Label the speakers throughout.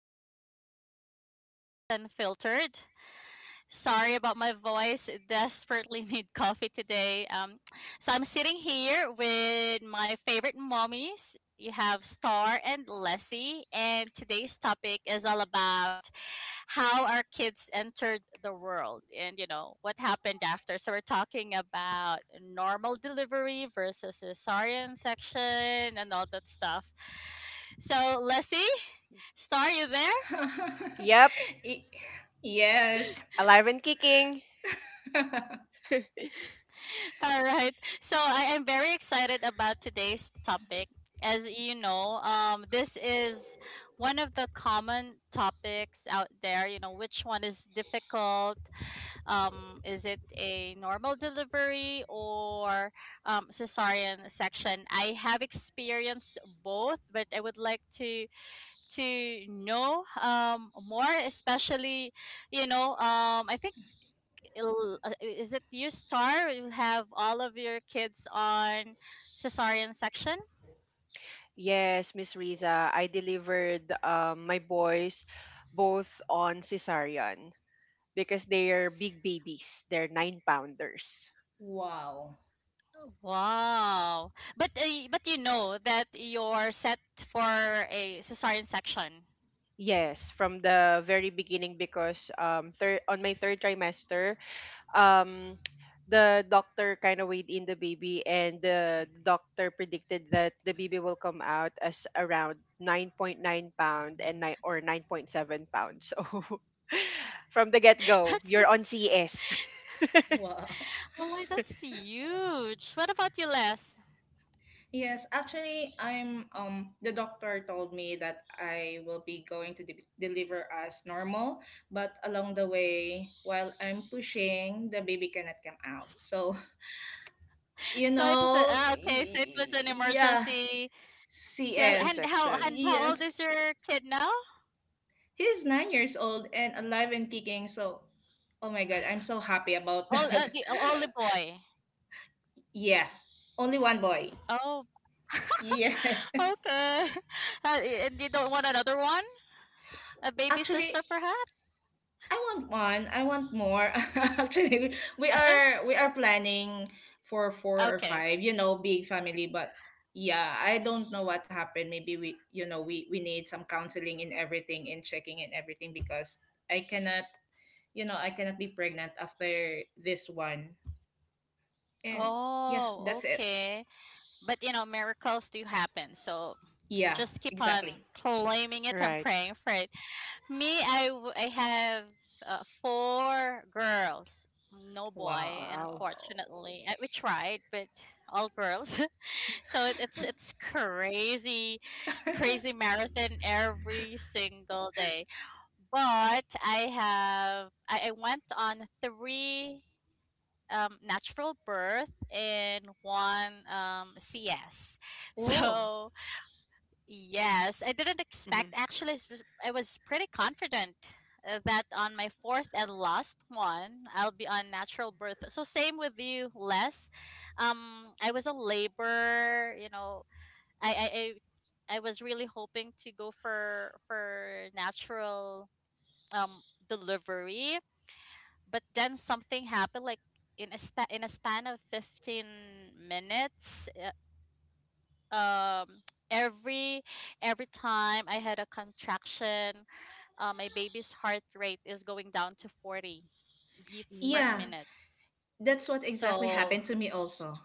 Speaker 1: back to the Mommy's Unfiltered. Sorry about my voice. Desperately need coffee today. So I'm sitting here with my favorite mommies. You have Star and Lessie, and today's topic is all about how our kids entered the world and you know what happened after. So we're talking about normal delivery versus cesarean section and all that stuff. So Lessie, Star, you there?
Speaker 2: Yep,
Speaker 3: Y- yes.
Speaker 2: alive and kicking.
Speaker 1: All right. So I am very excited about today's topic. As you know, this is one of the common topics out there. You know, which one is difficult? Is it a normal delivery or cesarean section? I have experienced both, but I would like to know more, especially I think it is it you, Star, you have all of your kids on cesarean section?
Speaker 2: Yes, Miss Riza, I delivered my boys both on cesarean because they are big babies. They're nine pounders.
Speaker 3: wow.
Speaker 1: Wow. But but you know that you're set for a cesarean section.
Speaker 2: Yes, from the very beginning because third on my third trimester, um the doctor kind of weighed in the baby, and the doctor predicted that the baby will come out as around 9.9 pound and nine or 9.7 pound. So from the get-go
Speaker 1: That's
Speaker 2: you're
Speaker 1: just
Speaker 2: on cs,
Speaker 3: Wow.
Speaker 1: oh my, that's huge. What about you, Les?
Speaker 3: Yes, actually, I'm the doctor told me that I will be going to deliver as normal, but along the way, while I'm pushing, the baby cannot come out. So,
Speaker 1: So it was okay, so it was an
Speaker 3: yeah,
Speaker 1: emergency sales.
Speaker 3: CS.
Speaker 1: And how,
Speaker 2: c-section.
Speaker 1: and how old
Speaker 3: Yes.
Speaker 1: is your kid now?
Speaker 3: He's 9 years old and alive and kicking, so oh my god, I'm so happy about
Speaker 1: All
Speaker 3: that.
Speaker 1: the only boy?
Speaker 3: Yeah, only one boy.
Speaker 1: Oh.
Speaker 3: Yes.
Speaker 1: Okay. Uh, and you don't want another one? A baby sister,
Speaker 3: Actually,
Speaker 1: perhaps?
Speaker 3: I want one. I want more. Actually, we are we are planning for four or
Speaker 1: Okay.
Speaker 3: five, big family, but yeah, I don't know what happened. Maybe we, we need some counseling in everything and checking in everything because I cannot, I cannot be pregnant after this one. And yeah, that's
Speaker 1: Oh,
Speaker 3: it.
Speaker 1: okay. But you know, miracles do happen. So
Speaker 3: Yeah,
Speaker 1: just keep on
Speaker 3: exactly.
Speaker 1: claiming it and
Speaker 2: Right.
Speaker 1: praying for it. Me, I have four girls, no boy,
Speaker 2: Wow.
Speaker 3: Wow.
Speaker 1: unfortunately. We tried, but all girls. So it's crazy, crazy marathon every single day. But I went on three natural birth and one CS.
Speaker 3: Oh,
Speaker 1: So yes, I didn't expect.
Speaker 2: Hmm.
Speaker 1: Actually, I was pretty confident that on my fourth and last one, I'll be on natural birth. So same with you, Les. I was on labor. You know, I I was really hoping to go for natural um delivery, but then something happened like in a span of 15 minutes. Um every every time I had a contraction, my baby's heart rate is going down to 40 beats per
Speaker 3: yeah.
Speaker 1: minute.
Speaker 2: Mm.
Speaker 3: That's what exactly
Speaker 1: So
Speaker 3: happened to me also.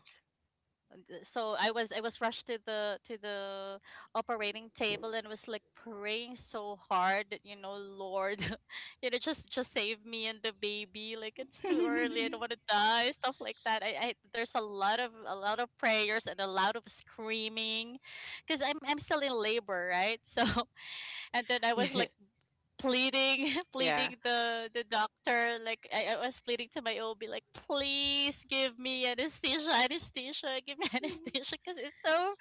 Speaker 1: I was rushed to the operating table and was like praying so hard that, you know, Lord, you know, just save me and the baby, like it's too early, I don't want to die, stuff like that. I, there's a lot of prayers and a lot of screaming because I'm still in labor, right? So and then I was like
Speaker 2: Yeah.
Speaker 1: pleading, pleading the doctor, like I was pleading to my OB, like please give me anesthesia, anesthesia, give me anesthesia, because it's so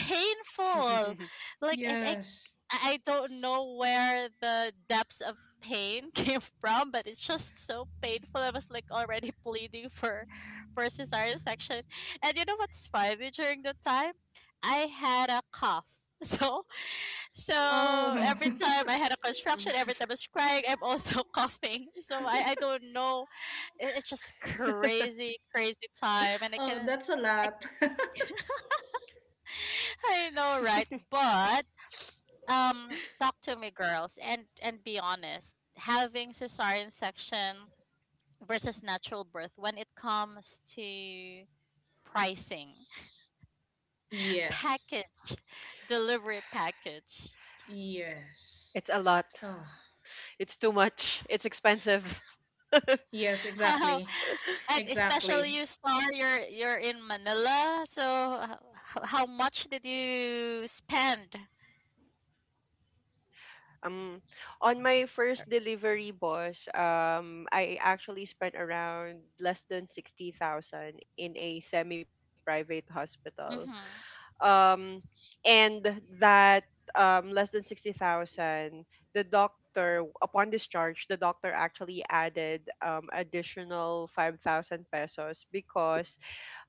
Speaker 1: Like
Speaker 3: yes.
Speaker 1: I don't know where the depths of pain came from, but it's just so painful. I was like already bleeding for cesarean section. And you know what's funny during the time? I had a cough. So so
Speaker 3: Oh.
Speaker 1: every time I had a
Speaker 2: Mm.
Speaker 1: construction, every time I was crying, I'm also coughing. So I don't know. It's just crazy, crazy time. And I
Speaker 3: oh,
Speaker 1: can
Speaker 3: that's a lot.
Speaker 1: I know, right? But talk to me, girls, and be honest. Having cesarean section versus natural birth when it comes to pricing,
Speaker 3: yes.
Speaker 1: package, delivery package,
Speaker 3: Yes.
Speaker 2: It's a lot.
Speaker 3: Oh.
Speaker 2: It's too much. It's expensive.
Speaker 3: Yes,
Speaker 1: how,
Speaker 3: exactly.
Speaker 1: and especially
Speaker 3: Exactly.
Speaker 1: you, Star, you're in Manila, so how much did you spend?
Speaker 2: Um, on my first delivery, boss, I actually spent around less than 60,000 in a semi-private hospital.
Speaker 1: Mm-hmm.
Speaker 2: Um, and that less than 60,000, the doctor, upon discharge, the doctor actually added additional 5,000 pesos because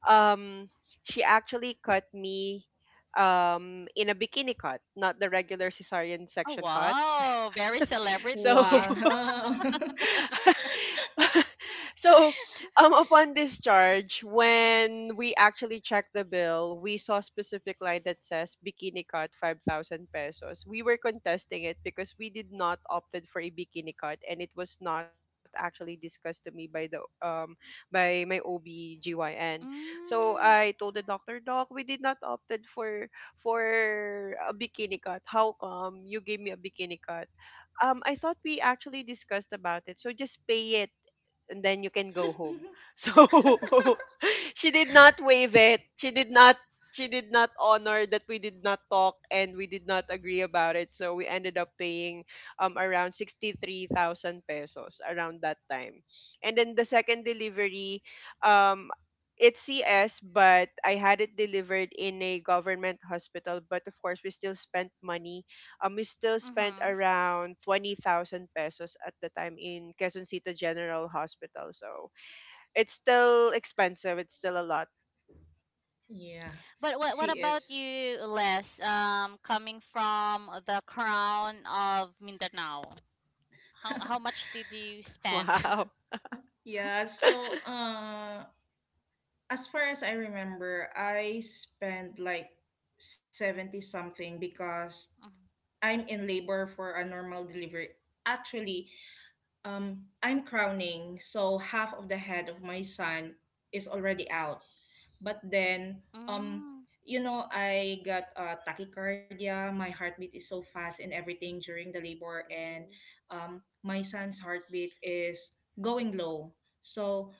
Speaker 2: um, she actually cut me in a bikini cut, not the regular cesarean
Speaker 1: Oh
Speaker 2: section cut.
Speaker 1: wow, very
Speaker 2: So
Speaker 1: celebrity.
Speaker 3: Wow.
Speaker 2: so upon discharge, when we actually checked the bill, we saw a specific line that says bikini cut 5,000 pesos. We were contesting it because we did not opted for a bikini cut, and it was not actually discussed to me by the by my OBGYN. So
Speaker 1: Mm,
Speaker 2: I told the doctor, doc, we did not opted for a bikini cut, how come you gave me a bikini cut? I thought we actually discussed about it. So just pay it and then you can go home. So she did not waive it. She did not honor that we did not talk and we did not agree about it. So we ended up paying around 63,000 pesos around that time. And then the second delivery, um it's CS, but I had it delivered in a government hospital, but of course we still spent money. We still spent
Speaker 1: mm-hmm.
Speaker 2: around 20,000 pesos at the time in Quezon City General Hospital. So it's still expensive. It's still a lot.
Speaker 3: yeah.
Speaker 1: But
Speaker 3: She
Speaker 1: what about
Speaker 3: is.
Speaker 1: you, Les? Coming from the crown of Mindanao, how much did you spend?
Speaker 2: Wow.
Speaker 3: Yeah, so as far as I remember, I spent like 70 something because I'm in labor for a normal delivery. Actually, I'm crowning, so half of the head of my son is already out. But then, um,
Speaker 1: Mm,
Speaker 3: I got tachycardia. My heartbeat is so fast and everything during the labor, and my son's heartbeat is going low. So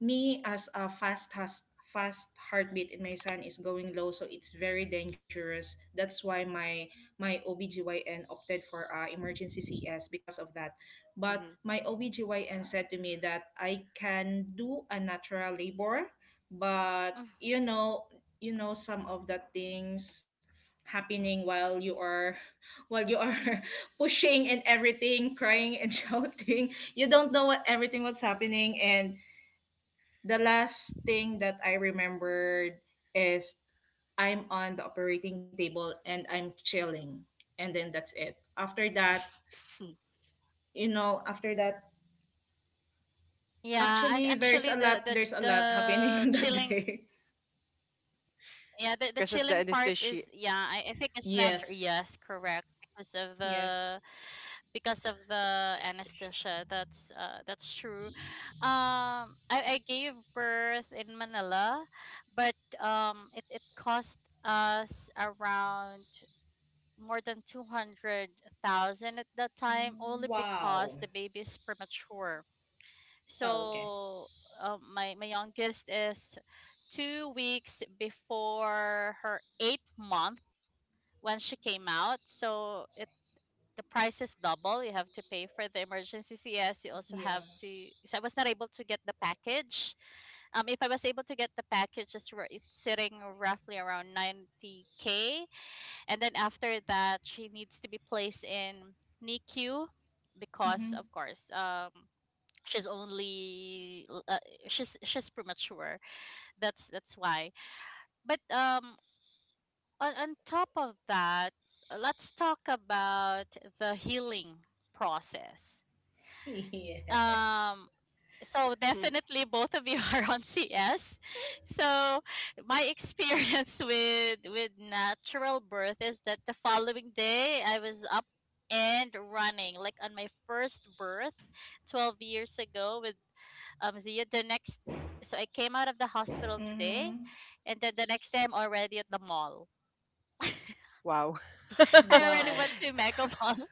Speaker 3: me as a fast has fast heartbeat in my son is going low, so it's very dangerous. That's why my OBGYN opted for emergency CS because of that, but
Speaker 2: Mm-hmm.
Speaker 3: my OBGYN said to me that I can do a natural labor, but
Speaker 1: mm.
Speaker 3: you know some of the things happening while you are while you are pushing and everything, crying and shouting. You don't know what everything was happening, and the last thing that I remembered is I'm on the operating table, and I'm chilling. And then that's it. After that,
Speaker 1: Yeah,
Speaker 3: actually there's
Speaker 1: actually,
Speaker 3: a
Speaker 1: the
Speaker 3: lot
Speaker 1: the
Speaker 3: there's a lot happening
Speaker 1: the
Speaker 3: on that
Speaker 1: chilling
Speaker 3: day.
Speaker 1: yeah, the
Speaker 2: Because of the
Speaker 1: chilling part
Speaker 2: anesthesia.
Speaker 1: is, yeah, I think it's
Speaker 3: Yes.
Speaker 1: natural, yes, correct.
Speaker 3: Yes.
Speaker 1: Because of the
Speaker 2: anesthesia.
Speaker 1: anesthesia. That's true. I gave birth in Manila, but it cost us around more than 200,000 at that time only
Speaker 3: Wow.
Speaker 1: because the baby is premature.
Speaker 3: Oh, okay.
Speaker 1: So my my youngest is 2 weeks before her eighth month when she came out. So it the price is double. You have to pay for the emergency CS. You also
Speaker 3: Yeah.
Speaker 1: have to. So I was not able to get the package. If I was able to get the package, it's sitting roughly around 90K. And then after that, she needs to be placed in NICU because,
Speaker 3: Mm-hmm.
Speaker 1: of course, she's only l- uh, she's premature, that's why. But on top of that, let's talk about the healing process.
Speaker 3: Yes.
Speaker 1: Um, so
Speaker 2: Hmm.
Speaker 1: definitely both of you are on CS. So my experience with natural birth is that the following day I was up and running, like on my first birth 12 years ago with Zia, the next so I came out of the hospital today
Speaker 3: Mm-hmm.
Speaker 1: and then the next day I'm already at the mall.
Speaker 2: Wow.
Speaker 1: I already
Speaker 3: Wow.
Speaker 1: went to Mega Mall.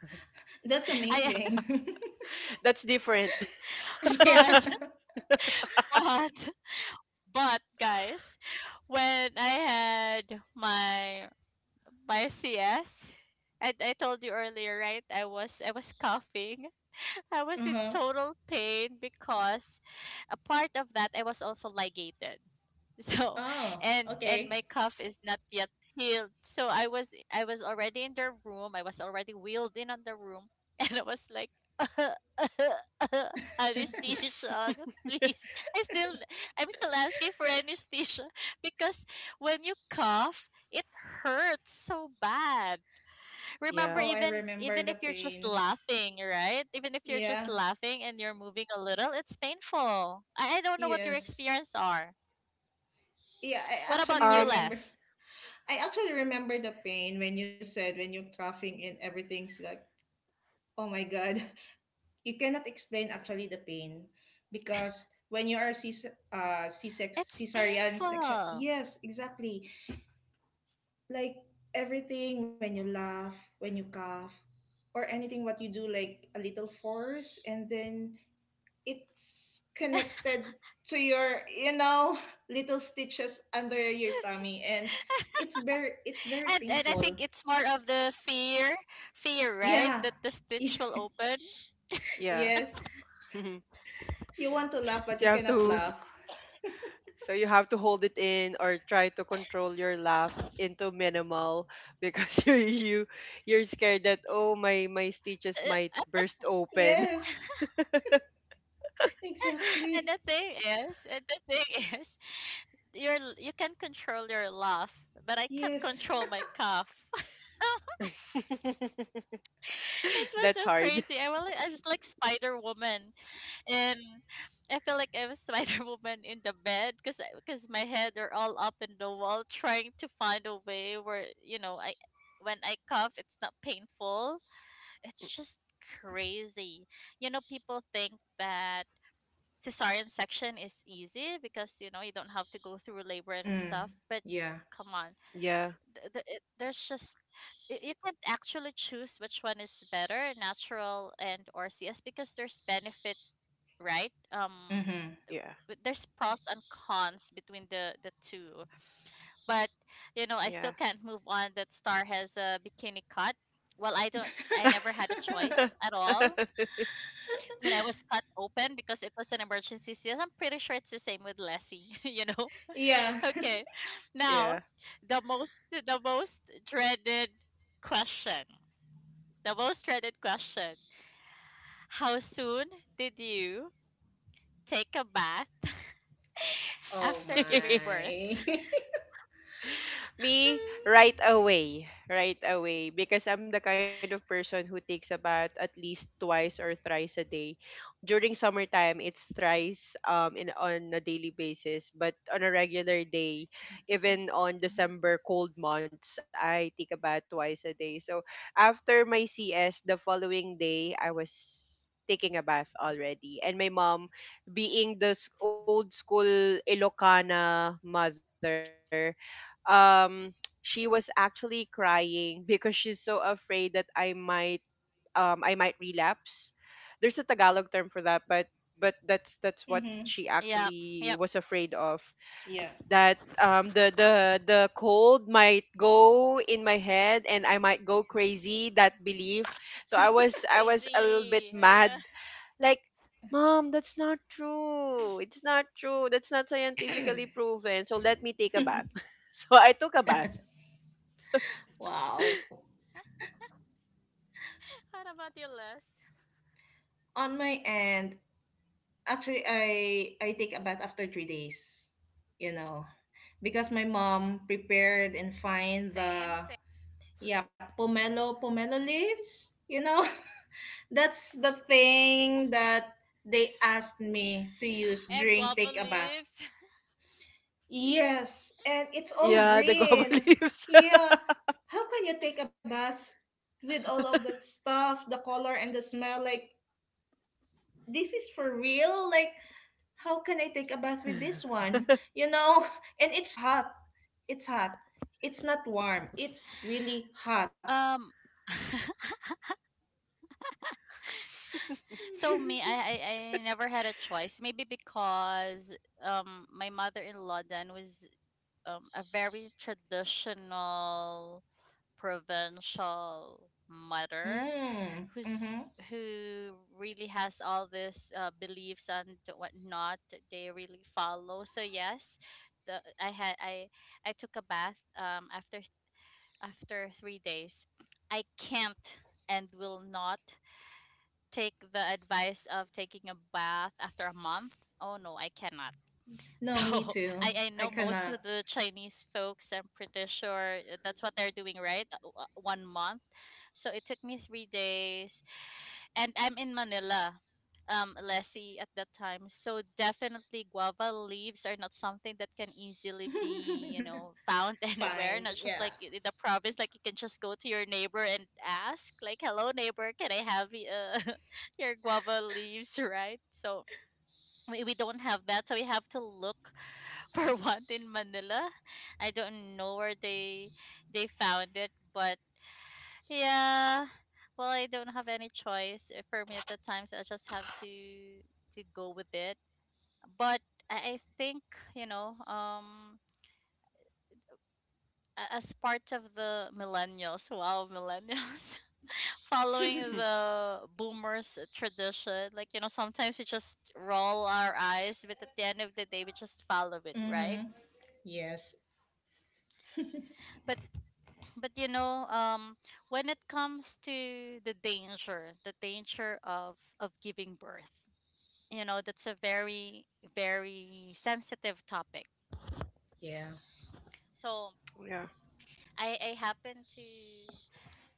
Speaker 3: That's
Speaker 1: I
Speaker 3: amazing.
Speaker 2: That's different.
Speaker 1: but
Speaker 3: yeah.
Speaker 1: but but guys, when I had my my CS. And I told you earlier, right? I was coughing. I was in
Speaker 3: Uh-huh.
Speaker 1: total pain because a part of that I was also ligated. So
Speaker 3: Oh,
Speaker 1: and
Speaker 3: okay.
Speaker 1: my cough is not yet healed. So I was already in the room. I was already wheeled in on the room and I was like anesthesia, please. I'm still asking for anesthesia because when you cough it hurts so bad.
Speaker 3: Oh,
Speaker 1: Remember,
Speaker 2: Yeah.
Speaker 3: I remember the
Speaker 1: even if you're just
Speaker 3: pain.
Speaker 1: laughing, right? Even if you're just
Speaker 3: Yeah.
Speaker 1: laughing and you're moving a little, it's painful. I don't know what your
Speaker 3: Yes.
Speaker 1: experience are.
Speaker 3: Yeah, I
Speaker 1: What about
Speaker 3: actually
Speaker 1: you,
Speaker 2: Um.
Speaker 3: remember.
Speaker 1: Les?
Speaker 3: I actually remember the pain when you said when you're coughing and everything's like, oh my god, you cannot explain actually the pain, because when you are C C sex
Speaker 1: It's
Speaker 3: cesarean section,
Speaker 1: painful.
Speaker 3: yes, exactly. Like everything, when you laugh, when you cough, or anything what you do like a little force, and then it's connected to your little stitches under your tummy, and it's very
Speaker 1: And I
Speaker 3: painful.
Speaker 1: think it's more of the fear, fear, right?
Speaker 3: Yeah
Speaker 1: That the stitch will open.
Speaker 2: Yeah.
Speaker 3: yes,
Speaker 2: So
Speaker 3: you want to laugh but
Speaker 2: you
Speaker 3: you
Speaker 2: have
Speaker 3: cannot
Speaker 2: to...
Speaker 3: laugh.
Speaker 2: So you have to hold it in or try to control your laugh into minimal, because you're scared that, oh my, my stitches might
Speaker 1: Uh,
Speaker 2: burst open.
Speaker 3: Yes,
Speaker 1: And
Speaker 3: exactly.
Speaker 1: the thing is, and the thing is, you can control your laugh, but I can't
Speaker 3: Yes.
Speaker 1: control my cough. It was
Speaker 2: That's
Speaker 1: so
Speaker 2: hard.
Speaker 1: crazy. I was like Spider Woman, and I feel like I was Spider Woman in the bed because my head are all up in the wall trying to find a way where, you know, I when I cough it's not painful. It's just crazy. You know, people think that cesarean section is easy because you know you don't have to go through labor and stuff,
Speaker 3: Mm,
Speaker 1: but
Speaker 3: yeah.
Speaker 1: come on,
Speaker 2: Yeah.
Speaker 1: there's just you can't actually choose which one is better, natural and or CS, because there's benefit, right?
Speaker 3: Mm-hmm.
Speaker 1: Th-
Speaker 2: Yeah.
Speaker 1: but there's pros and cons between the two. But you know, I
Speaker 2: Yeah.
Speaker 1: still can't move on that Star has a bikini cut. Well, I never had a choice at all when I was cut open because it was an emergency seal. I'm pretty sure it's the same with Lessie, you know.
Speaker 3: yeah.
Speaker 1: Okay,
Speaker 2: Yeah.
Speaker 1: now the most dreaded question, the most dreaded question: How soon did you take a bath
Speaker 3: Oh
Speaker 1: after giving birth?
Speaker 3: my.
Speaker 2: Me, right away. Right away. Because I'm the kind of person who takes a bath at least twice or thrice a day. During summertime, it's thrice, in on a daily basis. But on a regular day,
Speaker 1: Mhm.
Speaker 2: even on December cold months, I take a bath twice a day. So after my CS, the following day, I was taking a bath already. And my mom, being the old school Ilocana mother, um she was actually crying because she's so afraid that I might, I might relapse. There's a Tagalog term for that, but that's what
Speaker 3: Mm-hmm.
Speaker 2: she
Speaker 1: Yep,
Speaker 2: actually
Speaker 1: yep.
Speaker 2: was afraid of,
Speaker 3: Yeah.
Speaker 2: that the cold might go in my head and I might go crazy, that belief. So I was a little bit
Speaker 1: Crazy.
Speaker 2: mad,
Speaker 1: Yeah.
Speaker 2: like, Mom, that's not true. It's not true. That's not scientifically proven. So let me take a bath. So I took a bath.
Speaker 3: wow.
Speaker 1: What about your, Les?
Speaker 3: On my end, actually, I take a bath after 3 days, you know, because my mom prepared and find
Speaker 1: Same,
Speaker 3: the,
Speaker 1: same.
Speaker 3: yeah, pomelo leaves. That's the thing that they asked me to use
Speaker 1: And
Speaker 3: during
Speaker 1: guava
Speaker 3: take a bath.
Speaker 1: leaves.
Speaker 3: Yes, and it's all
Speaker 2: Yeah, the guava
Speaker 3: green.
Speaker 2: leaves.
Speaker 3: Yeah, how can you take a bath with all of that stuff, the color and the smell? Like this is for real. Like how can I take a bath with this one? You know. And it's hot. It's hot. It's not warm. It's really hot.
Speaker 1: Um, so me, I never had a choice. Maybe because my mother-in-law then was a very traditional provincial mother,
Speaker 3: Mm,
Speaker 1: who's
Speaker 3: mm-hmm.
Speaker 1: who really has all these beliefs and whatnot that they really follow. So yes, the I had I took a bath after after 3 days. I can't and will not take the advice of taking a bath after a month. Oh no, I cannot. So
Speaker 3: No, me too.
Speaker 1: I
Speaker 3: I
Speaker 1: know most
Speaker 3: cannot
Speaker 1: of the Chinese folks, I'm pretty sure eh, that's what they're doing, right? 1 month. So it took me 3 days. And I'm in Manila, Lessie at that time. So definitely guava leaves are not something that can easily be, you know, found anywhere.
Speaker 3: find.
Speaker 1: Not just
Speaker 3: Yeah.
Speaker 1: like in the province, like you can just go to your neighbor and ask, like, hello neighbor, can I have you? your guava leaves, right? So we don't have that. So we have to look for one in Manila. I don't know where they found it, but yeah. Well, I don't have any choice for me at the time, so I just have to go with it. But I think, you know, as part of the millennials, wow, millennials, following the boomers tradition, like you know, sometimes we just roll our eyes, but at the end of the day we just follow it, right?
Speaker 3: Mm-hmm. Yes.
Speaker 1: but but you know, um, when it comes to the danger, the danger of giving birth, you know, that's a very very sensitive topic.
Speaker 3: Yeah.
Speaker 1: So
Speaker 2: Yeah,
Speaker 1: I happen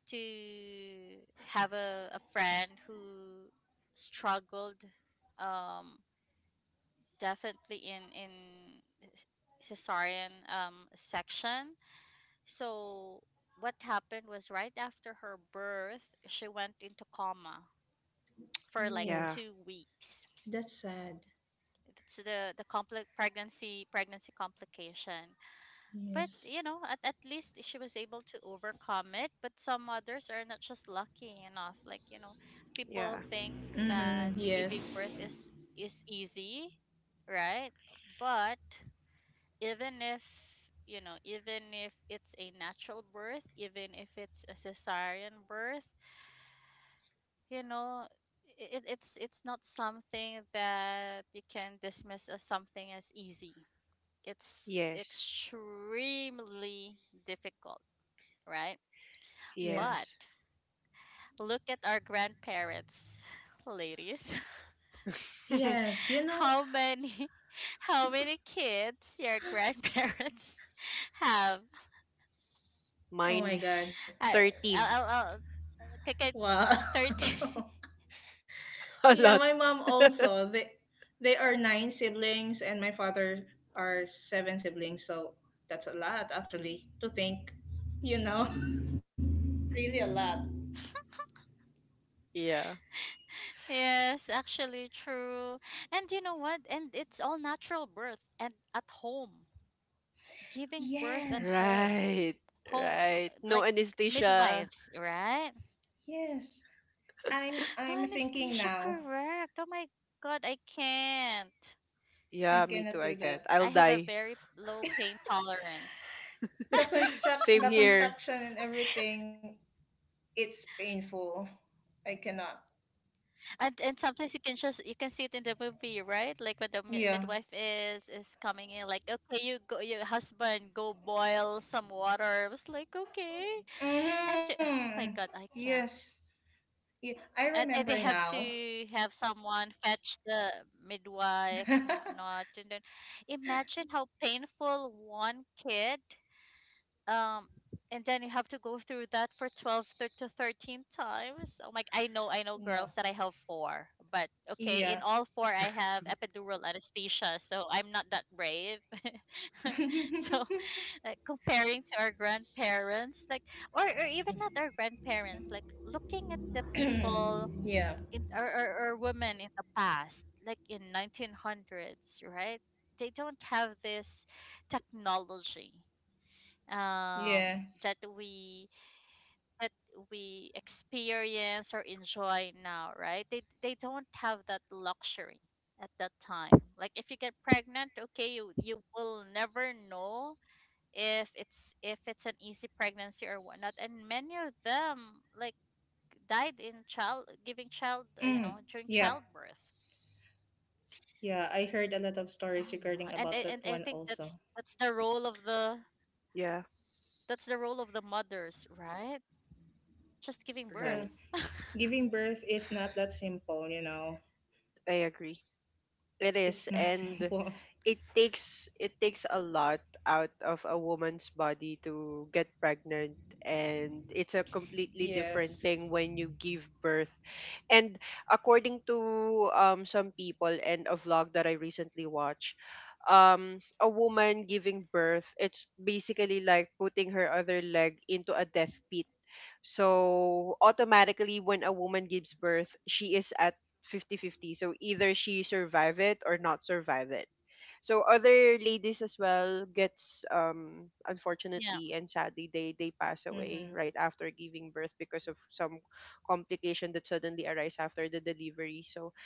Speaker 1: to have a friend who struggled um definitely in c- cesarean section. So what happened was right after her birth, she went into coma for like
Speaker 3: Oh,
Speaker 2: yeah,
Speaker 1: 2 weeks.
Speaker 3: that's sad.
Speaker 1: That's the compli pregnancy complication. But
Speaker 3: Yes.
Speaker 1: you know, at least she was able to overcome it, but some others are not just lucky enough. Like, you know, people
Speaker 2: yeah.
Speaker 1: think
Speaker 3: Mm-hmm.
Speaker 1: that the giving
Speaker 3: Yes.
Speaker 1: birth is easy, right? But even if, you know, even if it's a natural birth, even if it's a cesarean birth, you know, it's not something that you can dismiss as something as easy. It's
Speaker 2: Yes,
Speaker 1: extremely difficult, right?
Speaker 3: Yeah.
Speaker 1: But
Speaker 2: yes.
Speaker 1: look at our grandparents, ladies.
Speaker 3: Yes. You know.
Speaker 1: How many, how many kids your grandparents have?
Speaker 3: Oh my
Speaker 2: Mine,
Speaker 3: God.
Speaker 1: I,
Speaker 2: 13.
Speaker 1: I'll, I
Speaker 3: Wow.
Speaker 1: 30.
Speaker 2: A
Speaker 3: Yeah,
Speaker 2: lot.
Speaker 3: my mom also. They are nine siblings, and my father are seven siblings. So that's a lot, actually, to think. You know, really a lot.
Speaker 2: Yeah.
Speaker 1: Yes, actually true. And you know what? And it's all natural birth and at home. Giving birth at
Speaker 3: Yes,
Speaker 1: home.
Speaker 2: Right,
Speaker 1: Home l-
Speaker 2: right. No
Speaker 1: like
Speaker 2: anesthesia.
Speaker 1: midwives, right?
Speaker 3: yes. I'm
Speaker 1: No
Speaker 3: I'm thinking
Speaker 1: anesthesia,
Speaker 3: now.
Speaker 1: correct. Oh my god, I can't.
Speaker 3: I
Speaker 2: Yeah, me
Speaker 3: cannot
Speaker 2: too.
Speaker 3: do
Speaker 2: I can't.
Speaker 3: that.
Speaker 2: I'll
Speaker 1: I have a
Speaker 2: die.
Speaker 1: very low pain tolerance.
Speaker 3: the construct,
Speaker 2: Same
Speaker 3: the
Speaker 2: here.
Speaker 3: construction, and everything. It's painful. I cannot.
Speaker 1: And sometimes you can see it in the movie, right? Like when the
Speaker 3: Yeah.
Speaker 1: midwife is coming in, like, okay, you go, your husband go boil some water. I was like, okay, and
Speaker 3: Mm-hmm.
Speaker 1: oh my god, I
Speaker 3: Yes.
Speaker 1: can't.
Speaker 3: Yeah, I
Speaker 1: And
Speaker 3: remember
Speaker 1: they have
Speaker 3: now.
Speaker 1: to have someone fetch the midwife and whatnot. And then imagine how painful one kid, um and then you have to go through that for 12 to 13 times. Oh my, I know, I know
Speaker 3: no.
Speaker 1: girls that, I have four, but okay, in
Speaker 3: Yeah.
Speaker 1: all four I have epidural anesthesia, so I'm not that brave. So like comparing to our grandparents, like or even not our grandparents, like looking at the people
Speaker 3: yeah.
Speaker 1: in or women in the past, like in 1900s, right? They don't have this technology, um, that
Speaker 3: Yes.
Speaker 1: we that we experience or enjoy now, right? They don't have that luxury at that time. Like if you get pregnant, okay, you will never know if it's an easy pregnancy or whatnot. And many of them, like, died in you
Speaker 3: Mm.
Speaker 1: know, during
Speaker 3: Yep.
Speaker 1: childbirth.
Speaker 3: Yeah, I heard a lot of stories
Speaker 1: Oh my.
Speaker 3: regarding
Speaker 1: And
Speaker 3: about
Speaker 1: I-
Speaker 3: that
Speaker 1: and I
Speaker 3: one
Speaker 1: think
Speaker 3: also.
Speaker 1: that's the role of the
Speaker 2: Yeah,
Speaker 1: that's the role of the mothers, right? Just giving
Speaker 3: Yeah.
Speaker 2: right.
Speaker 1: birth.
Speaker 3: Giving birth is not that simple.
Speaker 2: I agree. It is,
Speaker 3: It's not
Speaker 2: and
Speaker 3: simple.
Speaker 2: it takes a lot out of a woman's body to get pregnant, and it's a completely different
Speaker 3: Yes.
Speaker 2: thing when you give birth. And according to some people and a vlog that I recently watched, a woman giving birth, it's basically like putting her other leg into a death pit. So automatically, when a woman gives birth, she is at fifty-fifty. So either she survive it or not survive it. So other ladies as well gets, unfortunately and sadly, they pass
Speaker 3: Mm-hmm.
Speaker 2: away right after giving birth because of some complication that suddenly arise after the delivery. So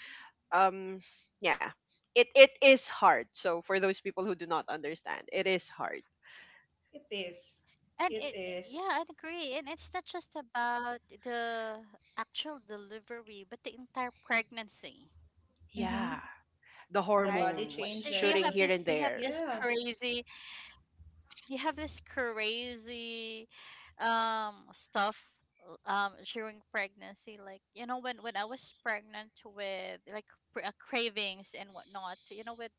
Speaker 2: um yeah, it is hard. So for those people who do not understand, it is hard.
Speaker 3: It is.
Speaker 1: And
Speaker 3: It
Speaker 1: yeah,
Speaker 3: is.
Speaker 1: I agree. And it's not just about the actual delivery, but the entire pregnancy,
Speaker 3: Mm-hmm.
Speaker 2: Yeah. The
Speaker 3: The
Speaker 1: right?
Speaker 3: body
Speaker 2: hormones
Speaker 1: Do you
Speaker 2: shooting
Speaker 1: have
Speaker 2: here
Speaker 1: this?
Speaker 2: and
Speaker 3: changes.
Speaker 1: Do you have
Speaker 2: there.
Speaker 1: this
Speaker 3: Yeah.
Speaker 1: crazy? You have this crazy, stuff, during pregnancy. Like, you know, when I was pregnant with like cravings and whatnot. You know, with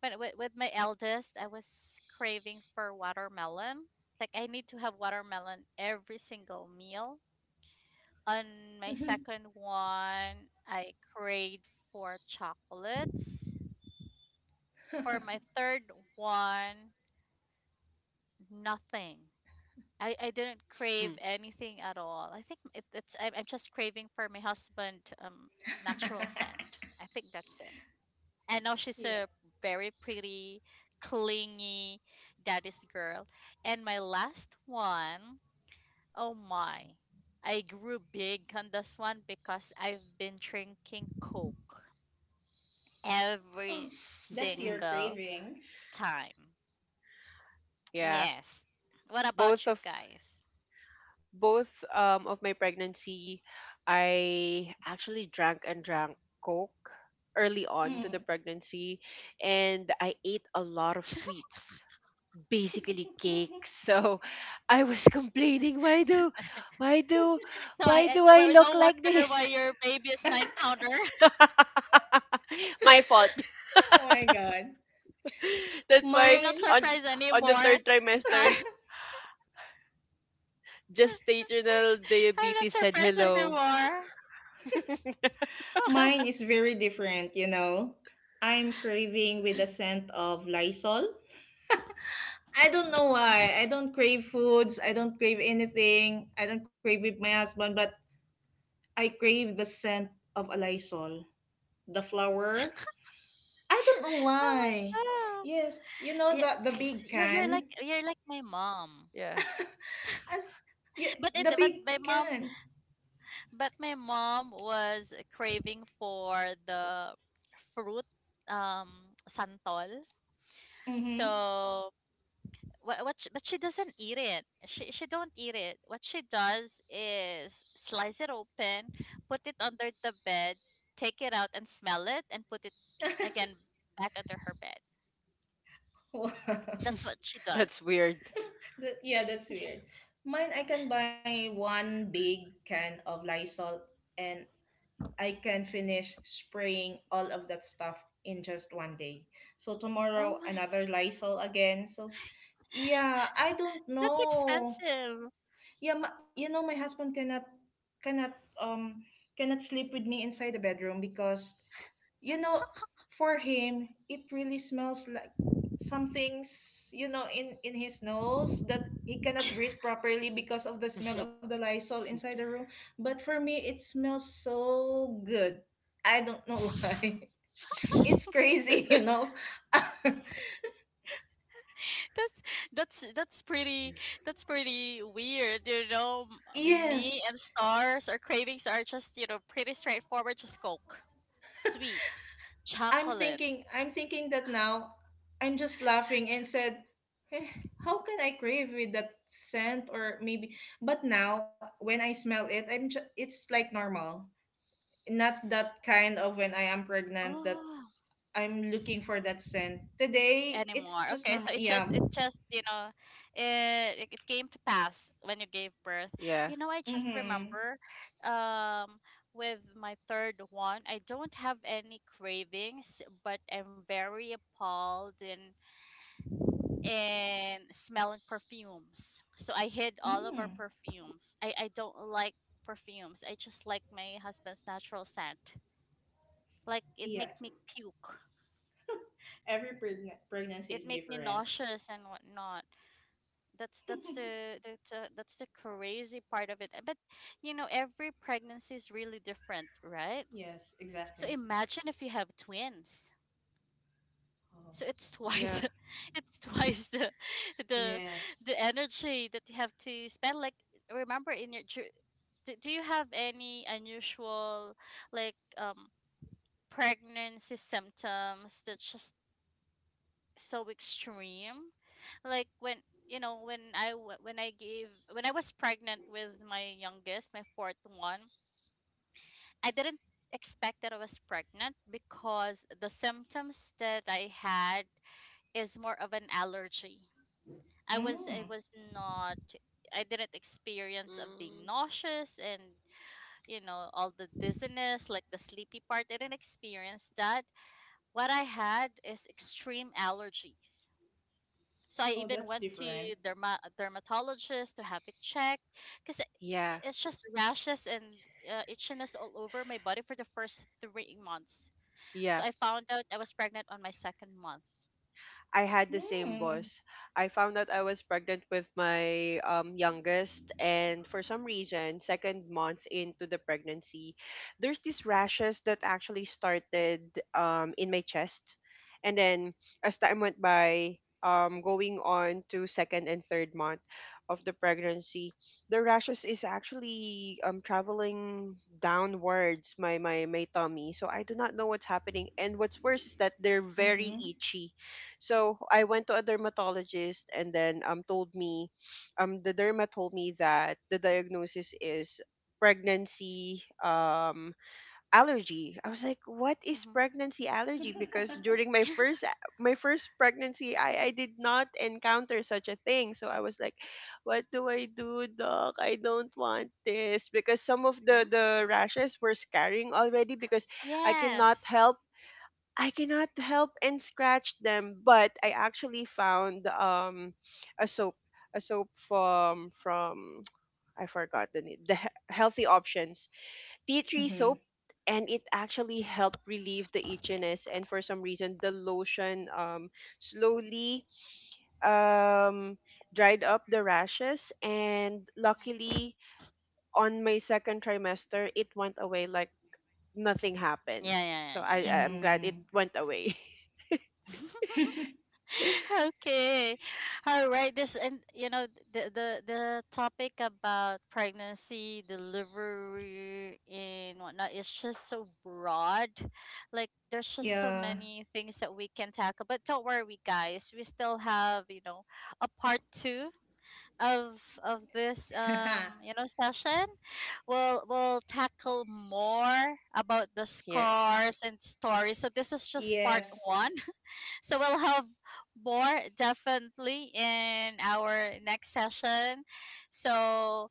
Speaker 1: when with my eldest, I was craving for watermelon. Like I need to have watermelon every single meal. On my
Speaker 3: Mm-hmm.
Speaker 1: second one, I craved for chocolates. For my third one, nothing. I didn't crave anything at all. I think it, it's I'm, just craving for my husband natural scent. I think that's it. I know she's
Speaker 3: yeah.
Speaker 1: a very pretty, clingy daddy's girl. And my last one, oh my, I grew big on this one because I've been drinking Coke every
Speaker 3: That's your
Speaker 1: single
Speaker 3: craving.
Speaker 1: time.
Speaker 2: Yeah,
Speaker 1: Yes. What about
Speaker 2: both
Speaker 1: you
Speaker 2: of
Speaker 1: guys?
Speaker 2: both of my pregnancy, I actually drank and drank Coke early on to the
Speaker 3: Mm.
Speaker 2: pregnancy, and I ate a lot of sweets, basically cakes. So I was complaining, why do,
Speaker 1: So
Speaker 2: why do I
Speaker 1: well, no
Speaker 2: look like
Speaker 1: wonder why
Speaker 2: this?
Speaker 1: your baby is nine pounder.
Speaker 2: My fault.
Speaker 3: Oh my god.
Speaker 2: That's
Speaker 1: I'm
Speaker 2: why
Speaker 1: not
Speaker 3: Mine
Speaker 2: on
Speaker 1: surprised
Speaker 2: the
Speaker 1: anymore.
Speaker 2: third trimester, gestational
Speaker 1: I'm not
Speaker 2: diabetes said
Speaker 1: surprised anymore.
Speaker 2: hello.
Speaker 1: Oh
Speaker 3: Mine is very different. I'm craving with the scent of Lysol. I don't know why. I don't crave foods. I don't crave anything. I don't crave with my husband, but I crave the scent of a Lysol. The flower. I don't know
Speaker 1: my
Speaker 3: why.
Speaker 1: god!
Speaker 3: Yes, you know
Speaker 1: Yeah,
Speaker 3: the big
Speaker 1: you're like
Speaker 3: can.
Speaker 1: my mom,
Speaker 2: Yeah.
Speaker 3: As, yeah,
Speaker 1: but it
Speaker 3: the
Speaker 1: but
Speaker 3: big
Speaker 1: my mom,
Speaker 3: can.
Speaker 1: but my mom was craving for the fruit santol.
Speaker 3: Mhm.
Speaker 1: So what she, but she doesn't eat it. She don't eat it. What she does is slice it open, put it under the bed, take it out and smell it and put it again back under her bed.
Speaker 3: Wow.
Speaker 1: That's what she
Speaker 2: That's
Speaker 1: does.
Speaker 2: weird.
Speaker 3: Yeah, that's weird. Mine, I can buy one big can of Lysol and I can finish spraying all of that stuff in just one day. So
Speaker 1: Oh
Speaker 3: tomorrow
Speaker 1: my,
Speaker 3: another Lysol again. So yeah, I don't
Speaker 1: that's
Speaker 3: know.
Speaker 1: expensive.
Speaker 3: Yeah, you know my husband cannot um cannot sleep with me inside the bedroom because you know for him it really smells like something's, in his nose, that he cannot breathe properly because of the smell of the Lysol inside the room. But for me it smells so good. I don't know why. It's crazy.
Speaker 1: that's that's that's pretty, that's pretty weird, you know. Me
Speaker 3: Yes.
Speaker 1: and Stars, or cravings are just, you know, pretty straightforward, just Coke, sweets,
Speaker 3: I'm
Speaker 1: chocolate.
Speaker 3: thinking I'm thinking that now. I'm just laughing and said, "Eh, how can I crave with that scent? Or maybe, but now when I smell it, it's like normal. Not that kind of when I am pregnant that
Speaker 1: Oh,
Speaker 3: I'm looking for that scent. Today it's
Speaker 1: anymore,
Speaker 3: just
Speaker 1: okay, so
Speaker 3: normal."
Speaker 1: it just
Speaker 3: Yeah.
Speaker 1: you know, it came to pass when you gave birth.
Speaker 2: Yeah.
Speaker 1: You know, I just
Speaker 3: Mhm.
Speaker 1: remember um with my third one I don't have any cravings, but I'm very appalled and smelling perfumes. So I hid all of our
Speaker 3: Mm.
Speaker 1: perfumes. I don't like perfumes. I just like my husband's natural scent. Like it
Speaker 3: Yeah.
Speaker 1: makes me puke.
Speaker 3: Every pregnancy
Speaker 1: It
Speaker 3: is
Speaker 1: makes me
Speaker 3: different.
Speaker 1: nauseous and whatnot. That's the crazy part of it. But, you know, every pregnancy is really different, right?
Speaker 3: Yes,
Speaker 1: So
Speaker 3: exactly.
Speaker 1: imagine if you have twins.
Speaker 3: Oh.
Speaker 1: So it's
Speaker 2: Yeah.
Speaker 1: twice, it's twice the
Speaker 3: Yes.
Speaker 1: the energy that you have to spend. Like remember in your do, you have any unusual, like, pregnancy symptoms that's just so extreme, like when, you know, when I w- when I gave when I was pregnant with my youngest, my fourth one, I didn't expect that I was pregnant because the symptoms that I had is more of an allergy. I
Speaker 3: Mm.
Speaker 1: was not, I didn't experience of
Speaker 2: Mm,
Speaker 1: being nauseous and, you know, all the dizziness, like the sleepy part. I didn't experience that. What I had is extreme allergies. So I
Speaker 3: Oh,
Speaker 1: even
Speaker 3: that's
Speaker 1: went to
Speaker 3: different.
Speaker 1: dermatologist to have it checked because
Speaker 2: yeah.
Speaker 1: it's just rashes and itchiness all over my body for the first 3 months. So
Speaker 2: Yeah.
Speaker 1: I found out I was pregnant on my second month.
Speaker 2: I had the same,
Speaker 3: Mm.
Speaker 2: boss. I found out I was pregnant with my, youngest, and for some reason, second month into the pregnancy, there's these rashes that actually started, in my chest. And then, as time went by, going on to second and third month of the pregnancy, the rashes is actually, traveling downwards my tummy. So I do not know what's happening. And what's worse is that they're very
Speaker 3: Mhm.
Speaker 2: itchy, so I went to a dermatologist, and then told me the derma told me that the diagnosis is pregnancy, allergy. I was like, what is
Speaker 1: Hmm.
Speaker 2: pregnancy allergy? Because during my first my first pregnancy, I did not encounter such a thing. So I was like, what do I do, doc? I don't want this, because some of the rashes were scarring already, because I cannot
Speaker 1: Yes.
Speaker 2: help I cannot help and scratch them. But I actually found, a soap a soap from I forgot the name, the he- healthy options tea tree soap,
Speaker 3: Mhm.
Speaker 2: and it actually helped relieve the itchiness, and for some reason the lotion, slowly, um dried up the rashes, and
Speaker 1: Mhm.
Speaker 2: luckily on my second trimester it went away like nothing happened.
Speaker 1: Yeah, yeah,
Speaker 2: So
Speaker 1: yeah,
Speaker 2: I
Speaker 1: yeah,
Speaker 2: I'm glad it
Speaker 3: Mhm.
Speaker 2: went away.
Speaker 1: yep. Okay, all right this And, you know, the topic about pregnancy, delivery and whatnot is just so broad. Like there's just so
Speaker 3: Yeah.
Speaker 1: many things that we can tackle, but don't worry guys, we still have, you know, a part two of this, you know, session. We'll tackle more about the
Speaker 2: Yeah.
Speaker 1: scars and stories, so this is just part one.
Speaker 3: yes.
Speaker 1: So we'll have more definitely in our next session. So,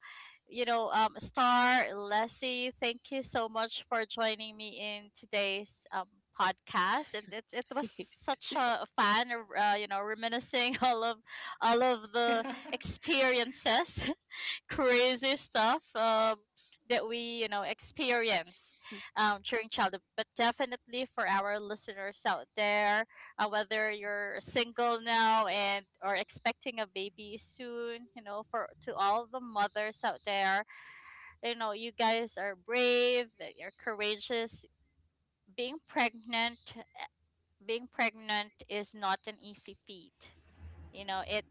Speaker 1: you know, Star, Leslie, thank you so much for joining me in today's, podcast. And it was such a fun, you know, reminiscing all of the experiences crazy stuff, that we, you know, experience, during childhood, but definitely for our listeners out there, whether you're single now and or expecting a baby soon, you know, for to all the mothers out there, you know, you guys are brave, you're courageous. Being pregnant, being pregnant is not an easy feat. You know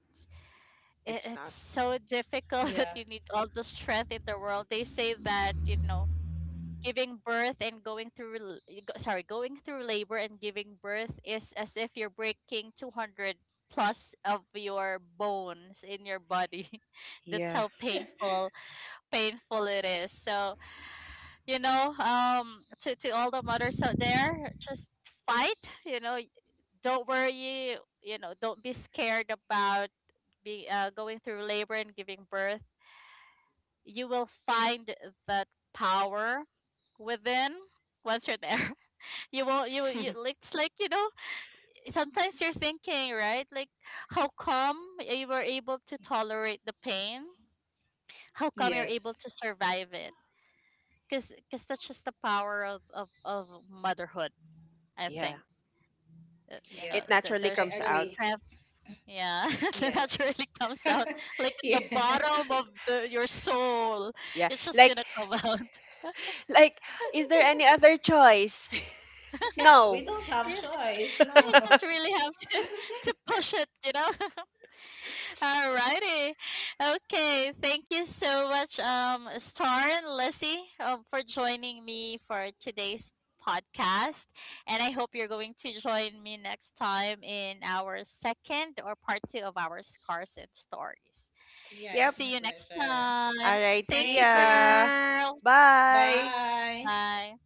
Speaker 2: It's
Speaker 1: it's
Speaker 2: not.
Speaker 1: so difficult that
Speaker 3: yeah.
Speaker 1: you need all the strength in the world. They say that, you know, giving birth and going through sorry, going through labor and giving birth is as if you're breaking 200 plus of your bones in your body. That's
Speaker 2: Yeah.
Speaker 1: how painful, painful it is. So, you know, to all the mothers out there, just fight, you know, don't worry, you know, don't be scared about being going through labor and giving birth. You will find that power within once you're there. You will, it's like, you know, sometimes you're thinking, right? Like, how come you were able to tolerate the pain? How come you're able
Speaker 3: Yes.
Speaker 1: to survive it? Cuz that's just the power of of motherhood, I
Speaker 2: Yeah.
Speaker 1: think. You know,
Speaker 3: Yeah.
Speaker 2: It naturally
Speaker 3: I
Speaker 1: there's
Speaker 2: comes out.
Speaker 3: agree.
Speaker 1: strength, yeah, that naturally
Speaker 3: Yes.
Speaker 1: comes out, like, at the
Speaker 3: yeah.
Speaker 1: bottom of the your soul.
Speaker 2: Yeah.
Speaker 1: It's just
Speaker 2: Like,
Speaker 1: gonna come out.
Speaker 2: like is there any other choice?
Speaker 3: Yeah, we
Speaker 2: No.
Speaker 3: don't have choice. No.
Speaker 1: You just really have to to push it, you know. Alrighty, okay. Thank you so much, Star and Lissy, for joining me for today's podcast, and I hope you're going to join me next time in our second or part two of our scars and stories.
Speaker 3: yeah,
Speaker 2: Yep.
Speaker 3: it's my
Speaker 1: See you next
Speaker 3: pleasure.
Speaker 1: time.
Speaker 2: All right.
Speaker 1: Thank
Speaker 2: See
Speaker 1: you,
Speaker 3: Thank you.
Speaker 2: ya.
Speaker 1: girl.
Speaker 2: Bye.
Speaker 3: Bye.
Speaker 1: Bye.